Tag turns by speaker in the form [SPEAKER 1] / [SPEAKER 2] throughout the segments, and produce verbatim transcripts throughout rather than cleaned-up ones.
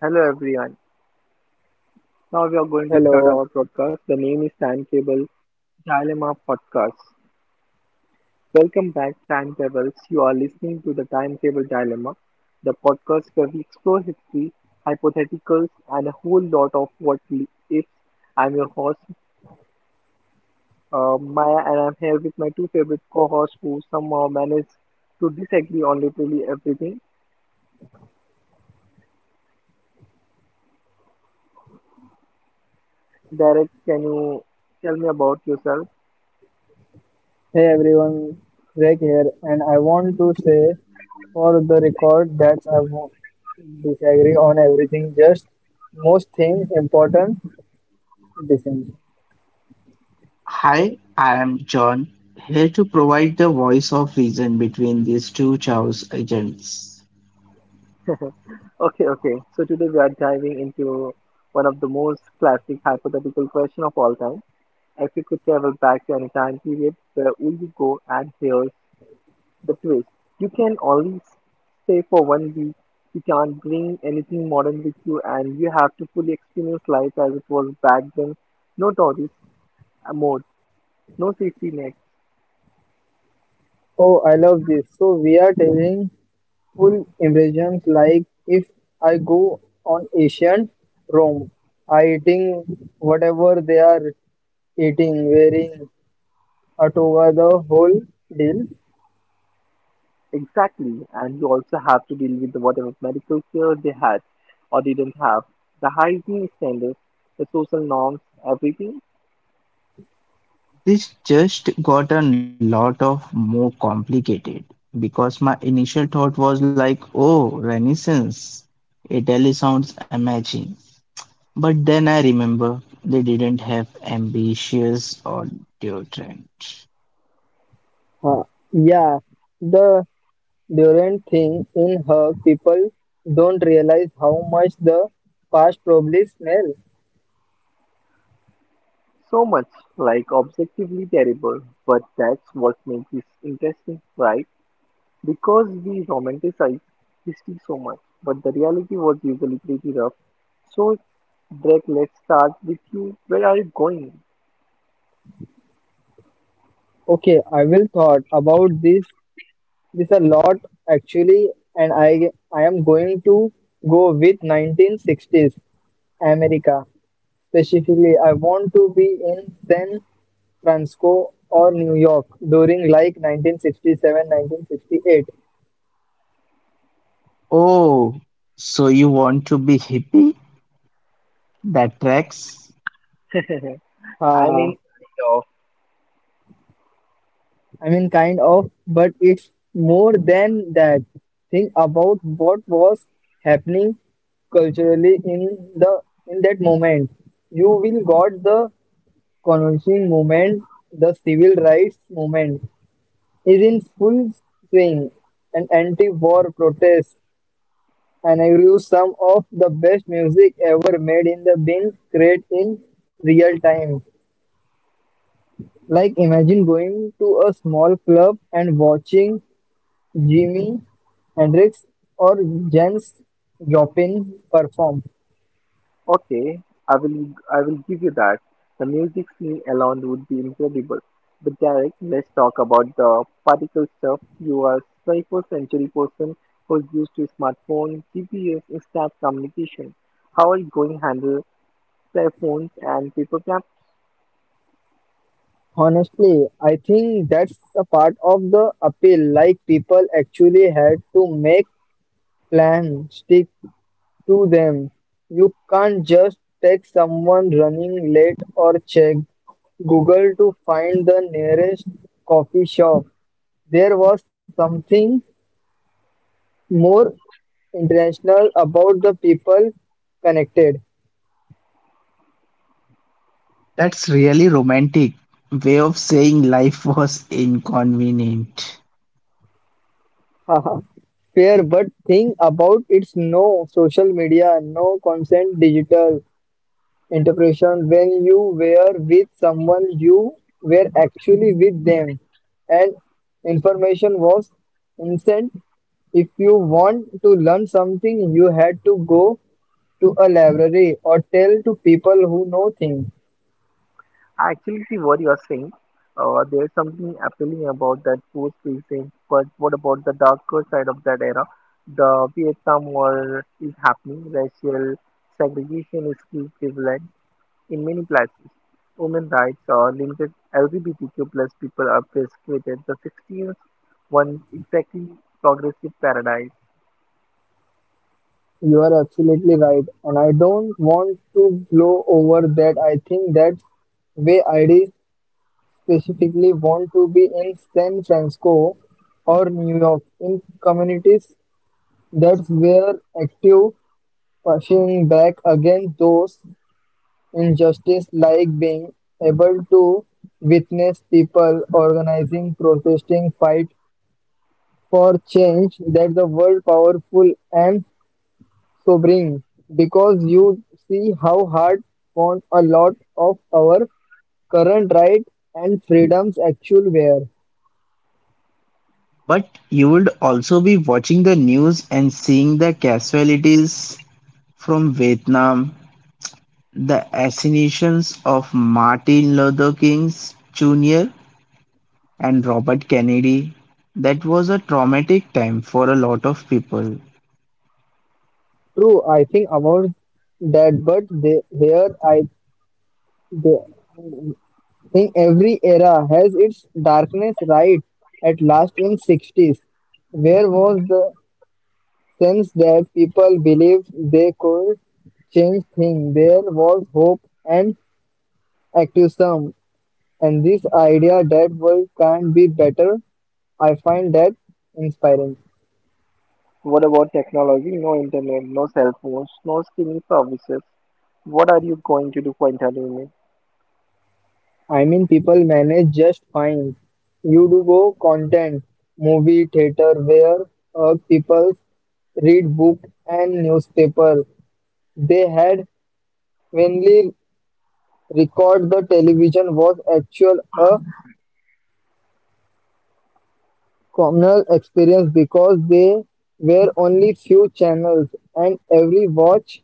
[SPEAKER 1] Hello everyone. Now we are going to start
[SPEAKER 2] Hello.
[SPEAKER 1] our podcast. The name is Timetable Dilemma Podcast. Welcome back, Timetables. You are listening to the Timetable Dilemma, the podcast where we explore history, hypotheticals, and a whole lot of what ifs. I'm your host, uh, Maya, and I'm here with my two favorite co hosts who somehow manage to disagree on literally everything. Derek, can you tell me about yourself?
[SPEAKER 2] Hey everyone, Greg here, and I want to say for the record that I won't disagree on everything, just most things important dissension.
[SPEAKER 3] Hi, I am John, here to provide the voice of reason between these two chaos agents.
[SPEAKER 1] Okay, okay. So today we are diving into one of the most classic hypothetical question of all time. If you could travel back to any time period, where would you go? And here's the twist: you can only s- stay for one week. You can't bring anything modern with you, and you have to fully experience life as it was back then. No tourist, uh, mode, no safety net.
[SPEAKER 2] Oh, I love this. So we are telling full impressions, like if I go on ancient Rome, I eating whatever they are eating, wearing a toga, the whole deal.
[SPEAKER 1] Exactly, and you also have to deal with whatever medical care they had or didn't have, the hygiene standards, the social norms, everything.
[SPEAKER 3] This just got a lot of more complicated because my initial thought was like, oh, Renaissance. Italy sounds amazing. But then I remember they didn't have ambitious or deodorant.
[SPEAKER 2] Huh. Yeah. The. Durant thinks in her people don't realize how much the past probably smell.
[SPEAKER 1] So much, like objectively terrible, but that's what makes this interesting, right? Because we romanticize history so much, but the reality was usually pretty rough. So, Drake, let's start with you. Where are you going?
[SPEAKER 2] Okay, I will thought about this this a lot actually, and I I am going to go with nineteen sixties America. Specifically, I want to be in San Francisco or New York during like nineteen sixty seven, nineteen sixty eight.
[SPEAKER 3] Oh, so you want to be hippie? That tracks.
[SPEAKER 1] I mean,
[SPEAKER 2] nineteen sixty eight.
[SPEAKER 1] kind.
[SPEAKER 2] I mean, kind of, but it's more than that. Think about what was happening culturally in the in that moment. You will got the conversing movement, the civil rights movement is in full swing, and anti-war protests, and I grew some of the best music ever made in the being created in real time. Like imagine going to a small club and watching Jimi Hendrix or Janis Joplin perform.
[SPEAKER 1] Okay, I will I will give you that. The music scene alone would be incredible. But Derek, let's talk about the particle stuff. You are twenty-first century person who's used to smartphone, G P S, instant communication. How are you going to handle cell phones and paper plans?
[SPEAKER 2] Honestly, I think that's a part of the appeal. Like people actually had to make plans, stick to them. You can't just text someone running late or check Google to find the nearest coffee shop. There was something more international about the people connected.
[SPEAKER 3] That's really romantic way of saying life was inconvenient.
[SPEAKER 2] Haha. Fair, but think about it's no social media, no consent digital interpretation when you were with someone, you were actually with them, and information was instant. If you want to learn something, you had to go to a library or tell to people who know things.
[SPEAKER 1] I actually see what you are saying. Uh, there's something appealing about that post recent, but what about the darker side of that era? The Vietnam War is happening, racial segregation is still prevalent in many places. Women rights are limited, L G B T Q plus people are persecuted. The sixties one exactly progressive paradise.
[SPEAKER 2] You are absolutely right, and I don't want to blow over that. I think that's way ideas specifically want to be in San Francisco or New York in communities that were active pushing back against those injustices, like being able to witness people organizing, protesting, fight for change that the world powerful and sobering, because you see how hard fought a lot of our current right and freedoms actually were.
[SPEAKER 3] But you would also be watching the news and seeing the casualties from Vietnam, the assassinations of Martin Luther King Junior and Robert Kennedy. That was a traumatic time for a lot of people.
[SPEAKER 2] True, I think about that, but they, here I they think every era has its darkness. Right, at last in sixties, where was the sense that people believed they could change things? There was hope and activism, and this idea that world can be better, I find that inspiring.
[SPEAKER 1] What about technology? No internet, no cell phones, no streaming services. What are you going to do for entertainment?
[SPEAKER 2] I mean, people manage just fine. You do go content, movie, theater, where uh, people read book and newspaper. They had mainly record the television was actual a communal experience because they were only few channels and every watch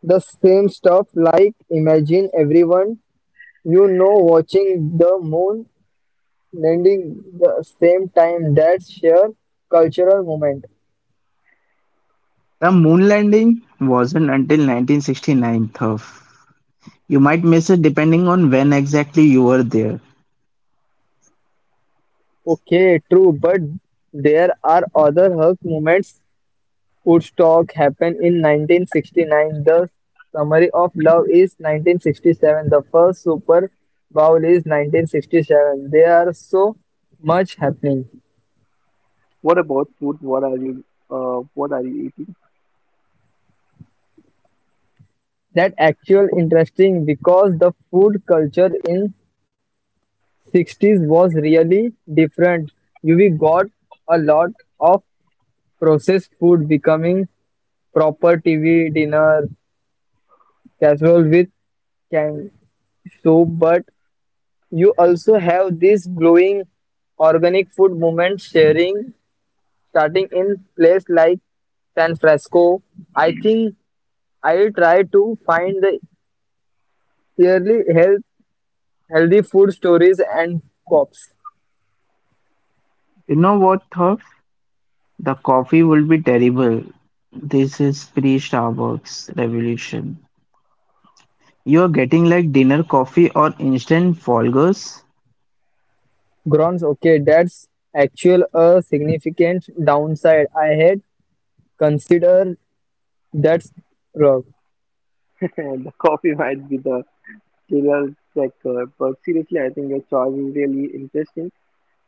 [SPEAKER 2] the same stuff, like imagine everyone you know watching the moon lending the same time that share cultural moment.
[SPEAKER 3] The moon landing wasn't until nineteen sixty-nine, though. You might miss it depending on when exactly you were there.
[SPEAKER 2] Okay, true, but there are other Hulk moments. Woodstock happened in nineteen sixty nine. The summary of love is nineteen sixty seven. The first Super Bowl is nineteen sixty seven. There are so much happening
[SPEAKER 1] What about food? What are you, uh, what are you eating?
[SPEAKER 2] that actual interesting because the food culture in sixties was really different. You we got a lot of processed food becoming proper T V dinner casserole with canned soup, but you also have this glowing organic food movement sharing starting in place like San Francisco. I think I'll try to find the yearly health healthy food stories and co-ops.
[SPEAKER 3] You know what, though, the coffee would be terrible. This is pre-Starbucks revolution. You're getting like dinner coffee or instant Folgers?
[SPEAKER 2] Grounds, okay, that's actual a significant downside. I had considered that's wrong.
[SPEAKER 1] And the coffee might be the trivial cracker, but seriously, I think your choice is really interesting.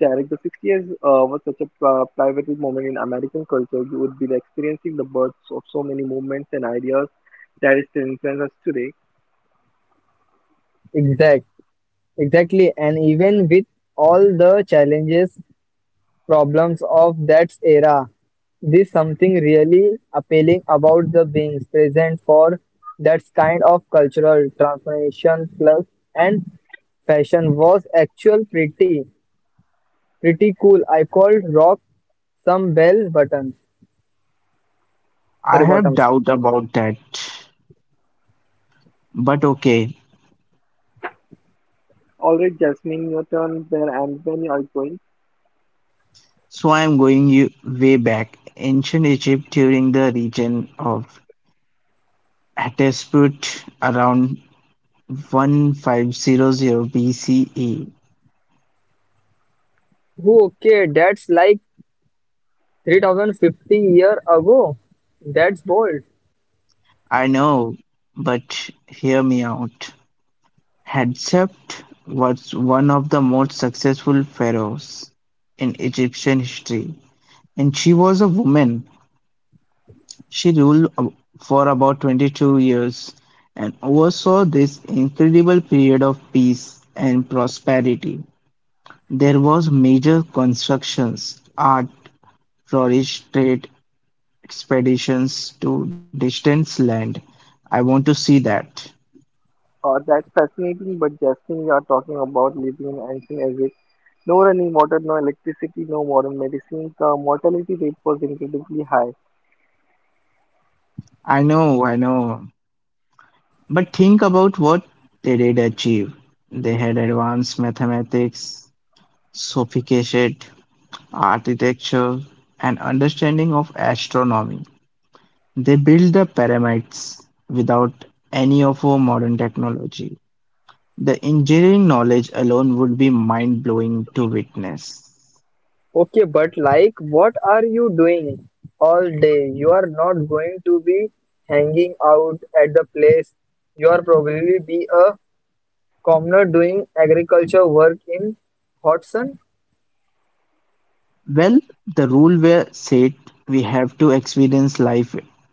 [SPEAKER 1] Derek, the sixties uh, was such a, uh, private moment in American culture. You would be experiencing the birth of so many movements and ideas that is to influence us today.
[SPEAKER 2] Exact. Exactly, and even with all the challenges, problems of that era, there's something really appealing about the being present for that kind of cultural transformation plus and fashion was actual pretty pretty cool. I called rock some bell buttons.
[SPEAKER 3] I
[SPEAKER 2] Sorry,
[SPEAKER 3] have
[SPEAKER 2] bottoms.
[SPEAKER 3] doubt about that. But okay.
[SPEAKER 1] All right, Jasmine, your turn there and when you are going.
[SPEAKER 3] So I'm going you way back. Ancient Egypt during the region of Hatshepsut around fifteen hundred B C E.
[SPEAKER 2] Oh, okay, that's like three thousand fifty year ago. That's bold.
[SPEAKER 3] I know, but hear me out. Hatshepsut was one of the most successful pharaohs in Egyptian history, and she was a woman. She ruled ab- for about twenty-two years and oversaw this incredible period of peace and prosperity. There was major constructions, art, flourished trade expeditions to distant land. I want to see that.
[SPEAKER 1] Uh, that's fascinating, but Jasmine, you are talking about living in ancient. No running water, no electricity, no modern medicine. The mortality rate was incredibly high.
[SPEAKER 3] I know, I know. But think about what they did achieve. They had advanced mathematics, sophisticated architecture, and understanding of astronomy. They built the pyramids without any of our modern technology. The engineering knowledge alone would be mind blowing to witness.
[SPEAKER 2] Okay, but like, what are you doing all day? You are not going to be hanging out at the place. You are probably be a commoner doing agriculture work in hot sun,
[SPEAKER 3] Well, the rule were said we have to experience life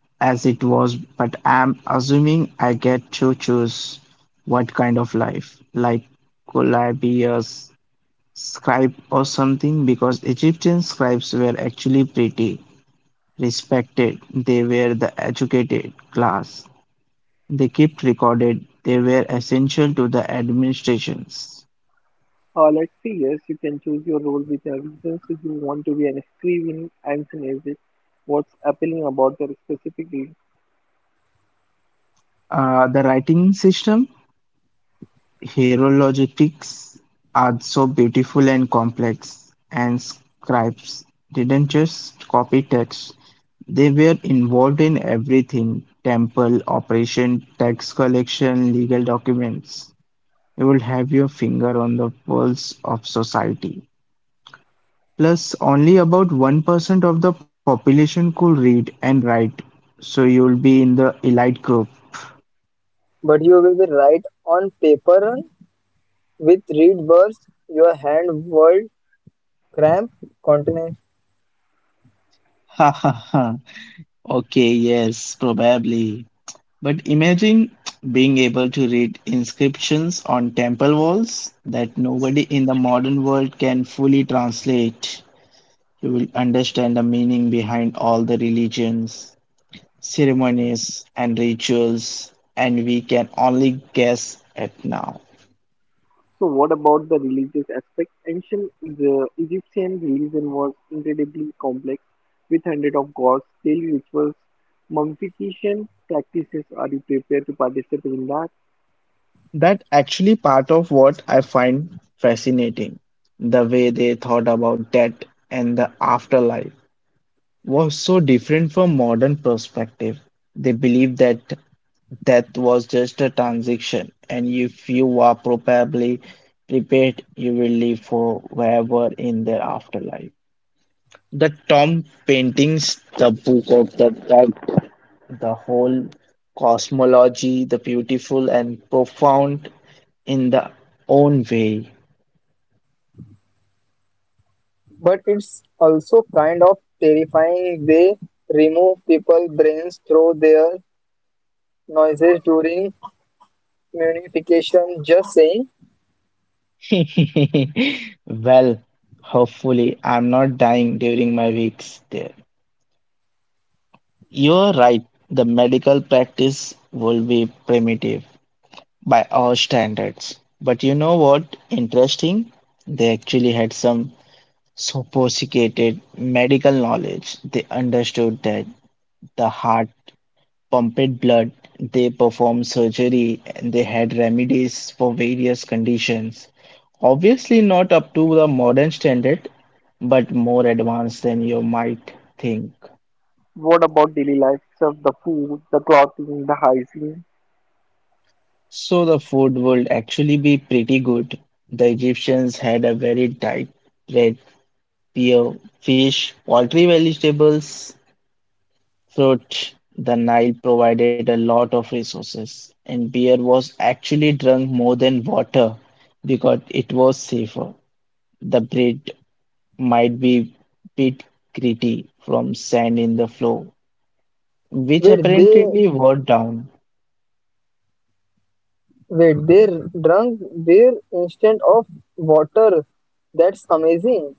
[SPEAKER 3] as it was, but I'm assuming I get to choose what kind of life. Like, could I be a s- scribe or something? Because Egyptian scribes were actually pretty respected. They were the educated class. They kept recorded. They were essential to the administrations.
[SPEAKER 1] Uh, let's say yes, you can choose your role with your reasons if you want to be an screaming anti. What's appealing about that specifically?
[SPEAKER 3] Uh, the writing system Hieroglyphics are so beautiful and complex, and scribes didn't just copy text, they were involved in everything temple, operation, tax collection, legal documents. You would have your finger on the pulse of society. Plus, only about one percent of the population could read and write, so you'll be in the elite group.
[SPEAKER 2] but you will be right on paper run with reed burst, your hand world cramp continent.
[SPEAKER 3] Okay, yes, probably. But imagine being able to read inscriptions on temple walls that nobody in the modern world can fully translate. You will understand the meaning behind all the religions, ceremonies, and rituals, and we can only guess at now.
[SPEAKER 1] So, what about the religious aspect? Ancient E- Egyptian religion was incredibly complex, with hundreds of gods, daily rituals, mummification practices. Are you prepared to participate in that?
[SPEAKER 3] That actually part of what I find fascinating. The way they thought about death and the afterlife was so different from modern perspective. They believed that that was just a transition, and if you are properly prepared, you will live forever in the afterlife. The Tom paintings, the book of the dead, the whole cosmology, the beautiful and profound in the own way.
[SPEAKER 2] But it's also kind of terrifying. They remove people brains through their noises during munification. Just saying.
[SPEAKER 3] Well, hopefully, I'm not dying during my weeks there. You're right, the medical practice will be primitive by our standards. But you know what? Interesting. They actually had some sophisticated medical knowledge. They understood that the heart pumped blood, they performed surgery, and they had remedies for various conditions. Obviously, not up to the modern standard, but more advanced than you might think.
[SPEAKER 1] What about daily life itself? The food, the clothing, the hygiene.
[SPEAKER 3] So the food would actually be pretty good. The Egyptians had a very diet: bread, beer, fish, poultry, vegetables, fruit. The Nile provided a lot of resources, and beer was actually drunk more than water because it was safer. The bread might be bit gritty from sand in the floor, which
[SPEAKER 2] Wait, they
[SPEAKER 3] apparently wore down.
[SPEAKER 2] wait, they drunk beer instead of water. That's amazing.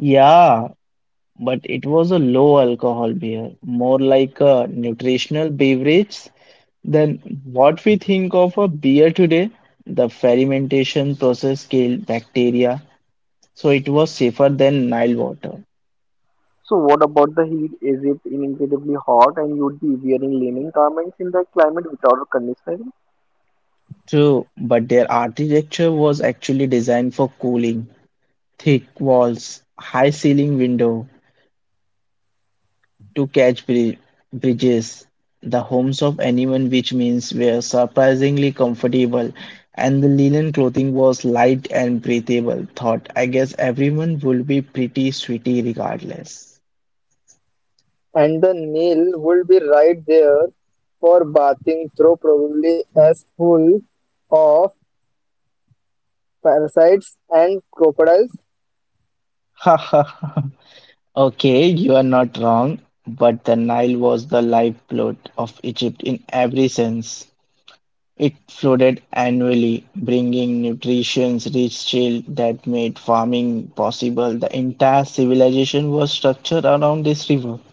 [SPEAKER 3] Yeah, but it was a low alcohol beer, more like a nutritional beverage than what we think of a beer today. The fermentation process killed bacteria, so it was safer than Nile water.
[SPEAKER 1] So what about the heat? Is it incredibly hot and you'd be wearing linen garments in that climate without conditioning?
[SPEAKER 3] True, but their architecture was actually designed for cooling. Thick walls, high ceiling window, to catch bri- bridges, the homes of anyone, which means were surprisingly comfortable, and the linen clothing was light and breathable. Thought, I guess everyone will be pretty sweaty regardless.
[SPEAKER 2] And the Nile would be right there for bathing through probably as full of parasites and crocodiles.
[SPEAKER 3] Okay, you are not wrong, but the Nile was the lifeblood of Egypt in every sense. It flooded annually, bringing nutrition-rich shale that made farming possible. The entire civilization was structured around this river.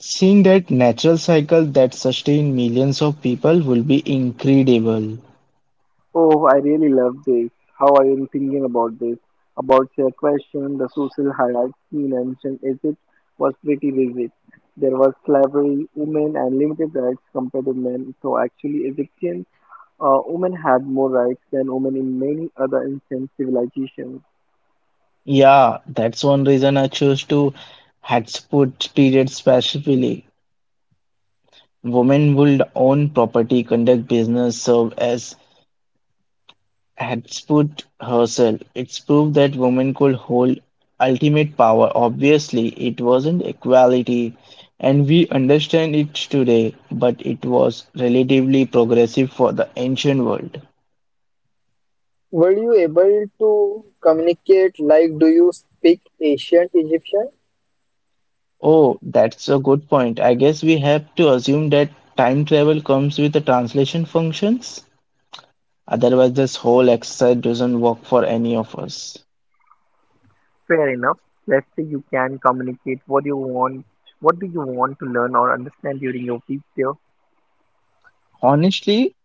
[SPEAKER 3] Seeing that natural cycle that sustained millions of people will be incredible.
[SPEAKER 1] Oh, I really love this. How I am thinking about this. About your question, the social hierarchy you mentioned Egypt was pretty rigid. There was slavery, women, and limited rights compared to men. So actually, Egyptian, uh, women had more rights than women in many other ancient civilizations.
[SPEAKER 3] Yeah, that's one reason I chose to Hatshepsut period specifically. Women would own property, conduct business, serve as Had put herself, it's proved that women could hold ultimate power. Obviously, it wasn't equality, and we understand it today, but it was relatively progressive for the ancient world.
[SPEAKER 2] Were you able to communicate, like do you speak ancient Egyptian?
[SPEAKER 3] Oh, that's a good point. I guess we have to assume that time travel comes with the translation functions. Otherwise, this whole exercise doesn't work for any of us.
[SPEAKER 1] Fair enough. Let's say you can communicate what you want, what do you want to learn or understand during your week there.
[SPEAKER 3] Honestly,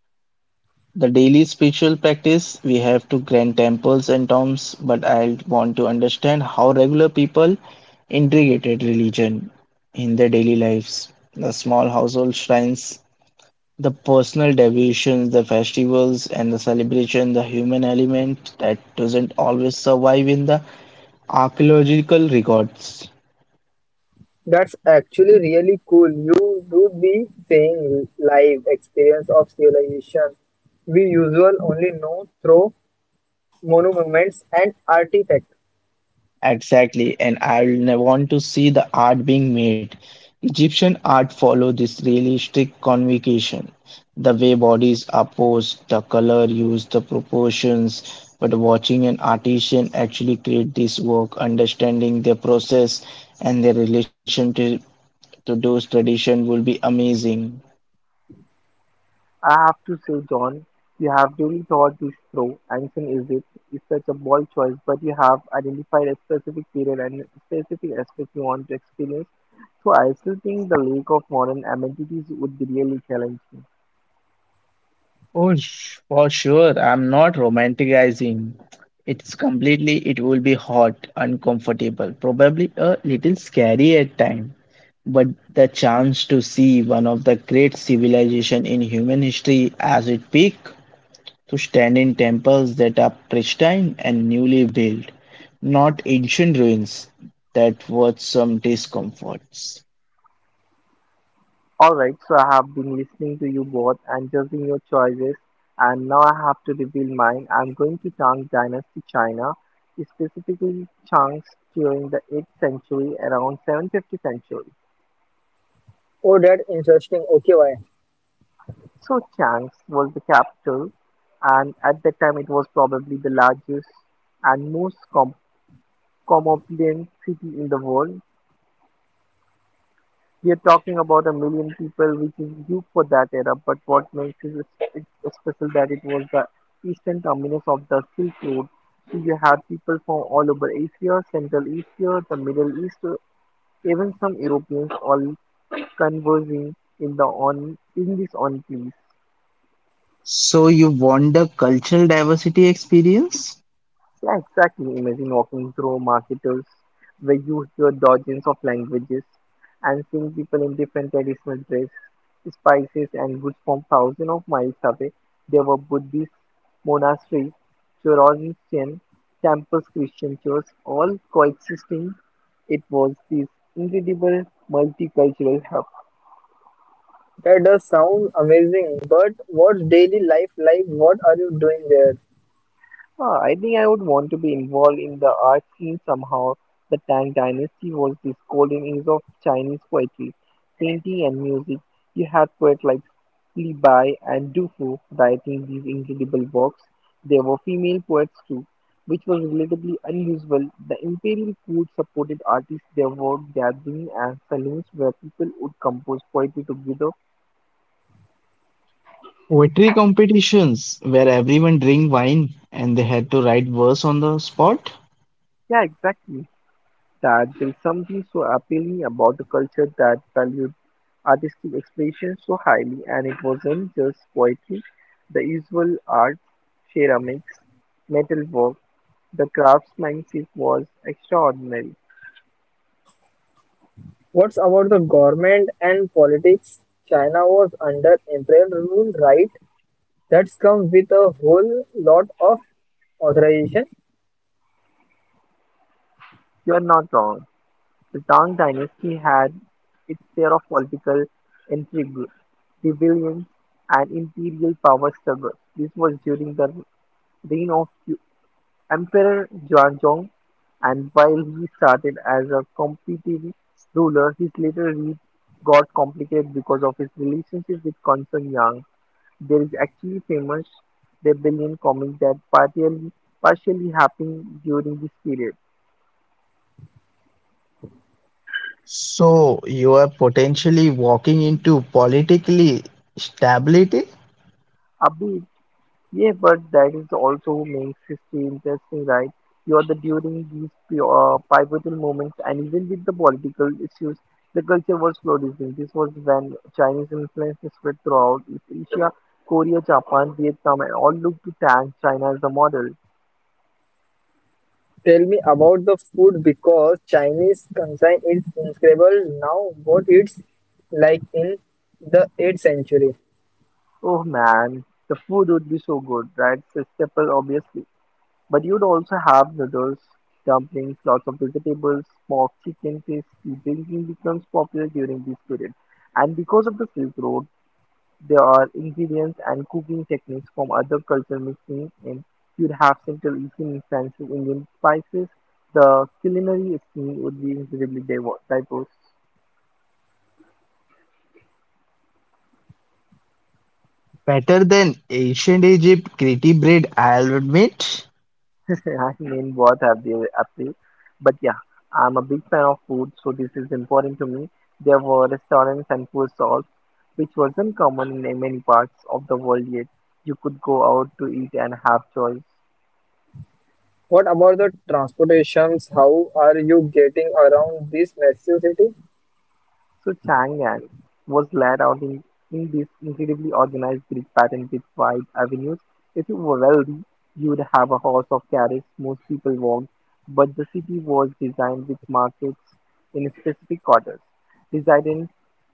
[SPEAKER 3] the daily spiritual practice we have to grand temples and tombs, but I want to understand how regular people integrated religion in their daily lives. The small household shrines, the personal devotions, the festivals and the celebration, the human element that doesn't always survive in the archaeological records.
[SPEAKER 2] That's actually really cool. You would be saying live experience of civilization we usually only know through monuments and artifacts.
[SPEAKER 3] Exactly, and I want to see the art being made. Egyptian art follow this really strict convocation. The way bodies are posed, the color used, the proportions. But watching an artisan actually create this work, understanding their process and their relation to, to those tradition will be amazing.
[SPEAKER 1] I have to say, John, you have really thought this through. Anson is it is such a bold choice, but you have identified a specific period and specific aspect you want to experience. So I still think the lack of modern amenities would be really challenging.
[SPEAKER 3] Oh, sh- for sure. I'm not romanticizing. It's completely, it will be hot, uncomfortable, probably a little scary at time. But the chance to see one of the great civilization in human history as it peak, to stand in temples that are pristine and newly built, not ancient ruins, that was some discomforts.
[SPEAKER 1] Alright, so I have been listening to you both and judging your choices, and now I have to reveal mine. I'm going to Tang Dynasty China, specifically Chang's during the eighth century, around seven fifty century.
[SPEAKER 2] Oh, that's interesting. Okay, why?
[SPEAKER 1] So Chang's was the capital, and at that time it was probably the largest and most com- cosmopolitan city in the world. We're talking about a million people, which is huge for that era. But what makes it s- s- special that it was the eastern terminus of the Silk Road. So you had people from all over Asia, Central Asia, the Middle East, uh, even some Europeans all conversing in the on in this on place.
[SPEAKER 3] So you want the cultural diversity experience?
[SPEAKER 1] Yeah, exactly. Imagine walking through marketers where you hear dozens of languages and seeing people in different traditional dress, spices and goods from thousands of miles away. There were Buddhist monasteries, Zoroastrian temples, Christian churches, all coexisting. It was this incredible multicultural hub.
[SPEAKER 2] That does sound amazing. But what's daily life like? What are you doing there?
[SPEAKER 1] Ah, I think I would want to be involved in the art scene somehow. The Tang Dynasty was this golden age of Chinese poetry, painting, and music. You had poets like Li Bai and Du Fu writing these incredible works. There were female poets too, which was relatively unusual. The imperial court supported artists. There were gatherings and saloons where people would compose poetry together.
[SPEAKER 3] Poetry competitions where everyone drink wine and they had to write verse on the spot.
[SPEAKER 1] Yeah, exactly. That there is something so appealing about a culture that valued artistic expression so highly, and it wasn't just poetry, the usual arts, ceramics, metalwork, the craftsmanship was extraordinary.
[SPEAKER 2] What's about the government and politics? China was under imperial rule, right? That's come with a whole lot of authorization.
[SPEAKER 1] You're not wrong. The Tang dynasty had its share of political intrigue, rebellions, and imperial power struggles. This was during the reign of Emperor Jwanzong, and while he started as a competent ruler, his later reign got complicated because of his relationship with Concern Yang. There is actually famous rebellion comic that partially partially happened during this period.
[SPEAKER 3] So you are potentially walking into politically stability?
[SPEAKER 1] Abid. Yeah, but that is also what makes history interesting, right? You are the during these p- uh, pivotal moments, and even with the political issues, the culture was flourishing. This was when Chinese influence spread throughout East Asia, Korea, Japan, Vietnam, and all looked to thank China as a model.
[SPEAKER 2] Tell me about the food because Chinese cuisine is incredible now. What it's like in the eighth century.
[SPEAKER 1] Oh man, the food would be so good, right? It's a staple, obviously. But you'd also have noodles, dumplings, lots of vegetables, smoked chicken, tasty drinking becomes popular during this period. And because of the Silk Road, there are ingredients and cooking techniques from other culture mixing in. You'd have Central Asian influences, Indian spices. The culinary scene would be incredibly diver- diverse.
[SPEAKER 3] Better than ancient Egypt, gritty bread, I'll admit.
[SPEAKER 1] I mean, both have their appeal. But yeah, I'm a big fan of food, so this is important to me. There were restaurants and food stalls, which wasn't common in many parts of the world yet. You could go out to eat and have choice.
[SPEAKER 2] What about the transportations? How are you getting around this massive city?
[SPEAKER 1] So Chang'an was laid out in, in this incredibly organized Greek pattern with wide avenues. If you were wealthy, you would have a horse or carriage most people walked, but the city was designed with markets in specific quarters. Resident,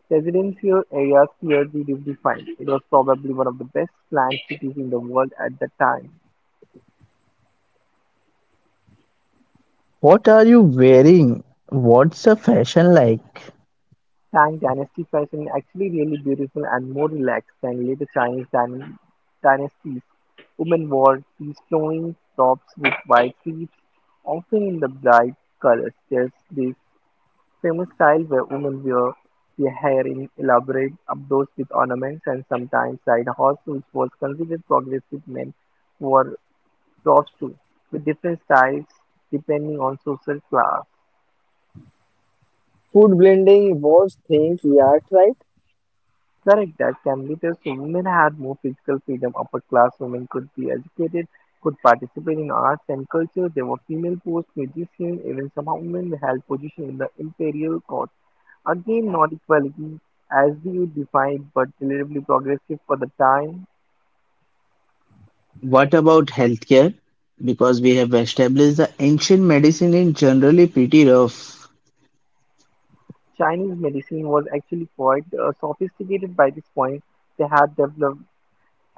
[SPEAKER 1] residential areas clearly defined. It was probably one of the best planned cities in the world at the time.
[SPEAKER 3] What are you wearing? What's the fashion like?
[SPEAKER 1] Tang Dynasty fashion actually really beautiful and more relaxed than later Chinese dyn- dynasties. Women wore these flowing tops with wide sleeves, often in the bright colors. There's this famous style where women wear their hair in elaborate updos with ornaments and sometimes side hats, which was considered progressive men wore props too, with different styles depending on social class.
[SPEAKER 2] Food blending was think yeah right.
[SPEAKER 1] Correct that Cambridge's women had more physical freedom. Upper class women could be educated, could participate in arts and culture. There were female post musicians, even some women held positions in the imperial court. Again, not equality as we would define, but relatively progressive for the time.
[SPEAKER 3] What about healthcare? Because we have established the ancient medicine is generally pretty rough.
[SPEAKER 1] Chinese medicine was actually quite, uh, sophisticated by this point. They had developed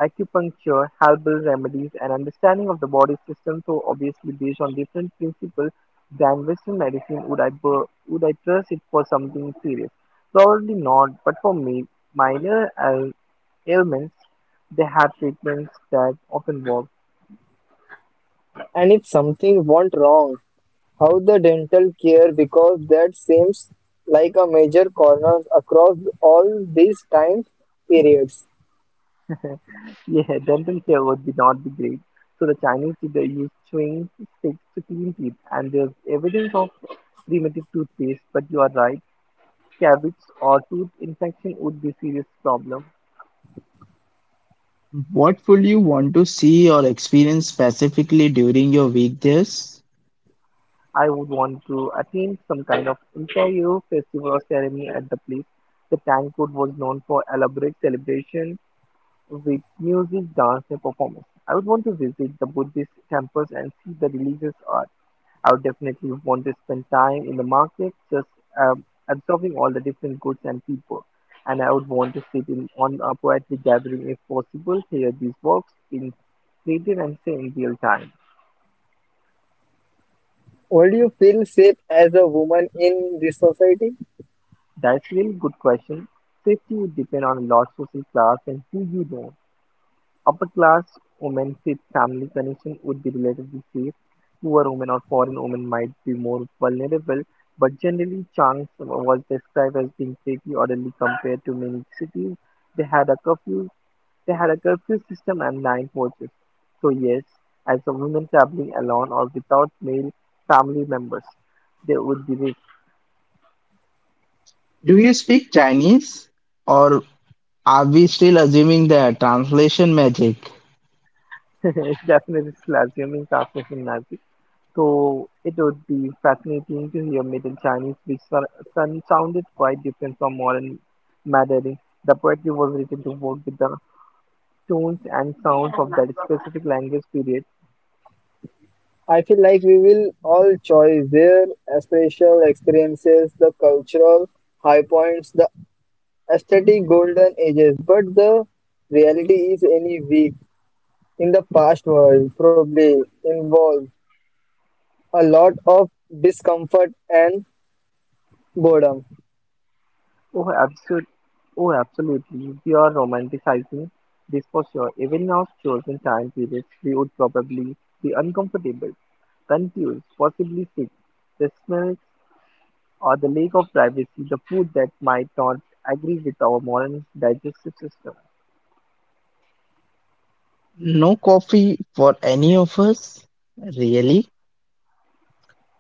[SPEAKER 1] acupuncture, herbal remedies, and understanding of the body system so obviously based on different principles than Western medicine. Would I bur- would I trust it for something serious? Probably not, but for me, minor ail- ailments they have treatments that often work.
[SPEAKER 2] And if something went wrong, how the dental care, because that seems like a major corner across all these time periods.
[SPEAKER 1] Yeah, dental care would be not be great. So the Chinese did they use chewing sticks to clean teeth, and there's evidence of primitive toothpaste. But you are right, cavities or tooth infection would be serious problem.
[SPEAKER 3] What would you want to see or experience specifically during your weekdays?
[SPEAKER 1] I would want to attend some kind of imperial festival or ceremony at the place. The Tang food was known for elaborate celebration with music, dance, and performance. I would want to visit the Buddhist temples and see the religious art. I would definitely want to spend time in the market, just, um, absorbing all the different goods and people. And I would want to sit in on a poetry gathering if possible, hear these works being created and say in real time.
[SPEAKER 2] Would you feel safe as a woman in this society?
[SPEAKER 1] That's really good question. Safety would depend on a lot social class and who you know. Upper class women with family connection would be relatively safe. Poor women or foreign women might be more vulnerable, but generally Chang was described as being pretty orderly compared to many cities. They had a curfew they had a curfew system and nine watches. So yes, as a woman traveling alone or without male family members, there would be risk.
[SPEAKER 3] Do you speak Chinese? Or are we still assuming the translation magic?
[SPEAKER 1] It's definitely is assuming classes in magic. So it would be fascinating to hear Middle Chinese, which so- son- sounded quite different from modern Mandarin. The poetry was written to work with the tones and sounds of that specific language period.
[SPEAKER 2] I feel like we will all choose their spatial experiences, the cultural high points, the aesthetic golden ages, but the reality is any week in the past world probably involves a lot of discomfort and boredom.
[SPEAKER 1] Oh, absolute, oh, absolutely. We are romanticizing this for sure. Even now, chosen time periods, we would probably be uncomfortable, confused, possibly sick. The smells or the lack of privacy, the food that might not agree with our modern digestive system.
[SPEAKER 3] No coffee for any of us? Really?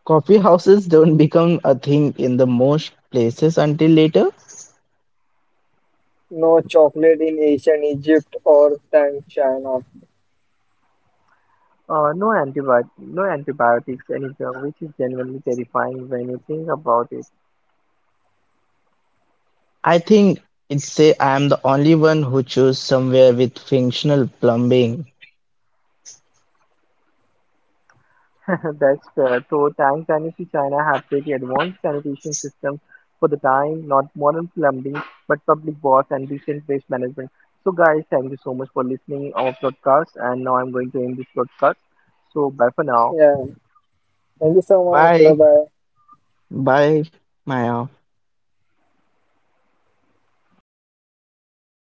[SPEAKER 3] Coffee houses don't become a thing in the most places until later?
[SPEAKER 2] No chocolate in ancient Egypt or time China.
[SPEAKER 1] Uh, no, antibi- no antibiotics anywhere, which is genuinely terrifying when you think about it.
[SPEAKER 3] I think it's say I am the only one who chose somewhere with functional plumbing.
[SPEAKER 1] That's fair. So Tang Dynasty China have pretty advanced sanitation systems for the time, not modern plumbing, but public baths and decent waste management. So guys, thank you so much for listening our podcast and now I'm going to end this podcast. So bye for now.
[SPEAKER 2] Yeah. Thank you so much. Bye
[SPEAKER 3] Bye.
[SPEAKER 2] bye.
[SPEAKER 3] Bye, Maya.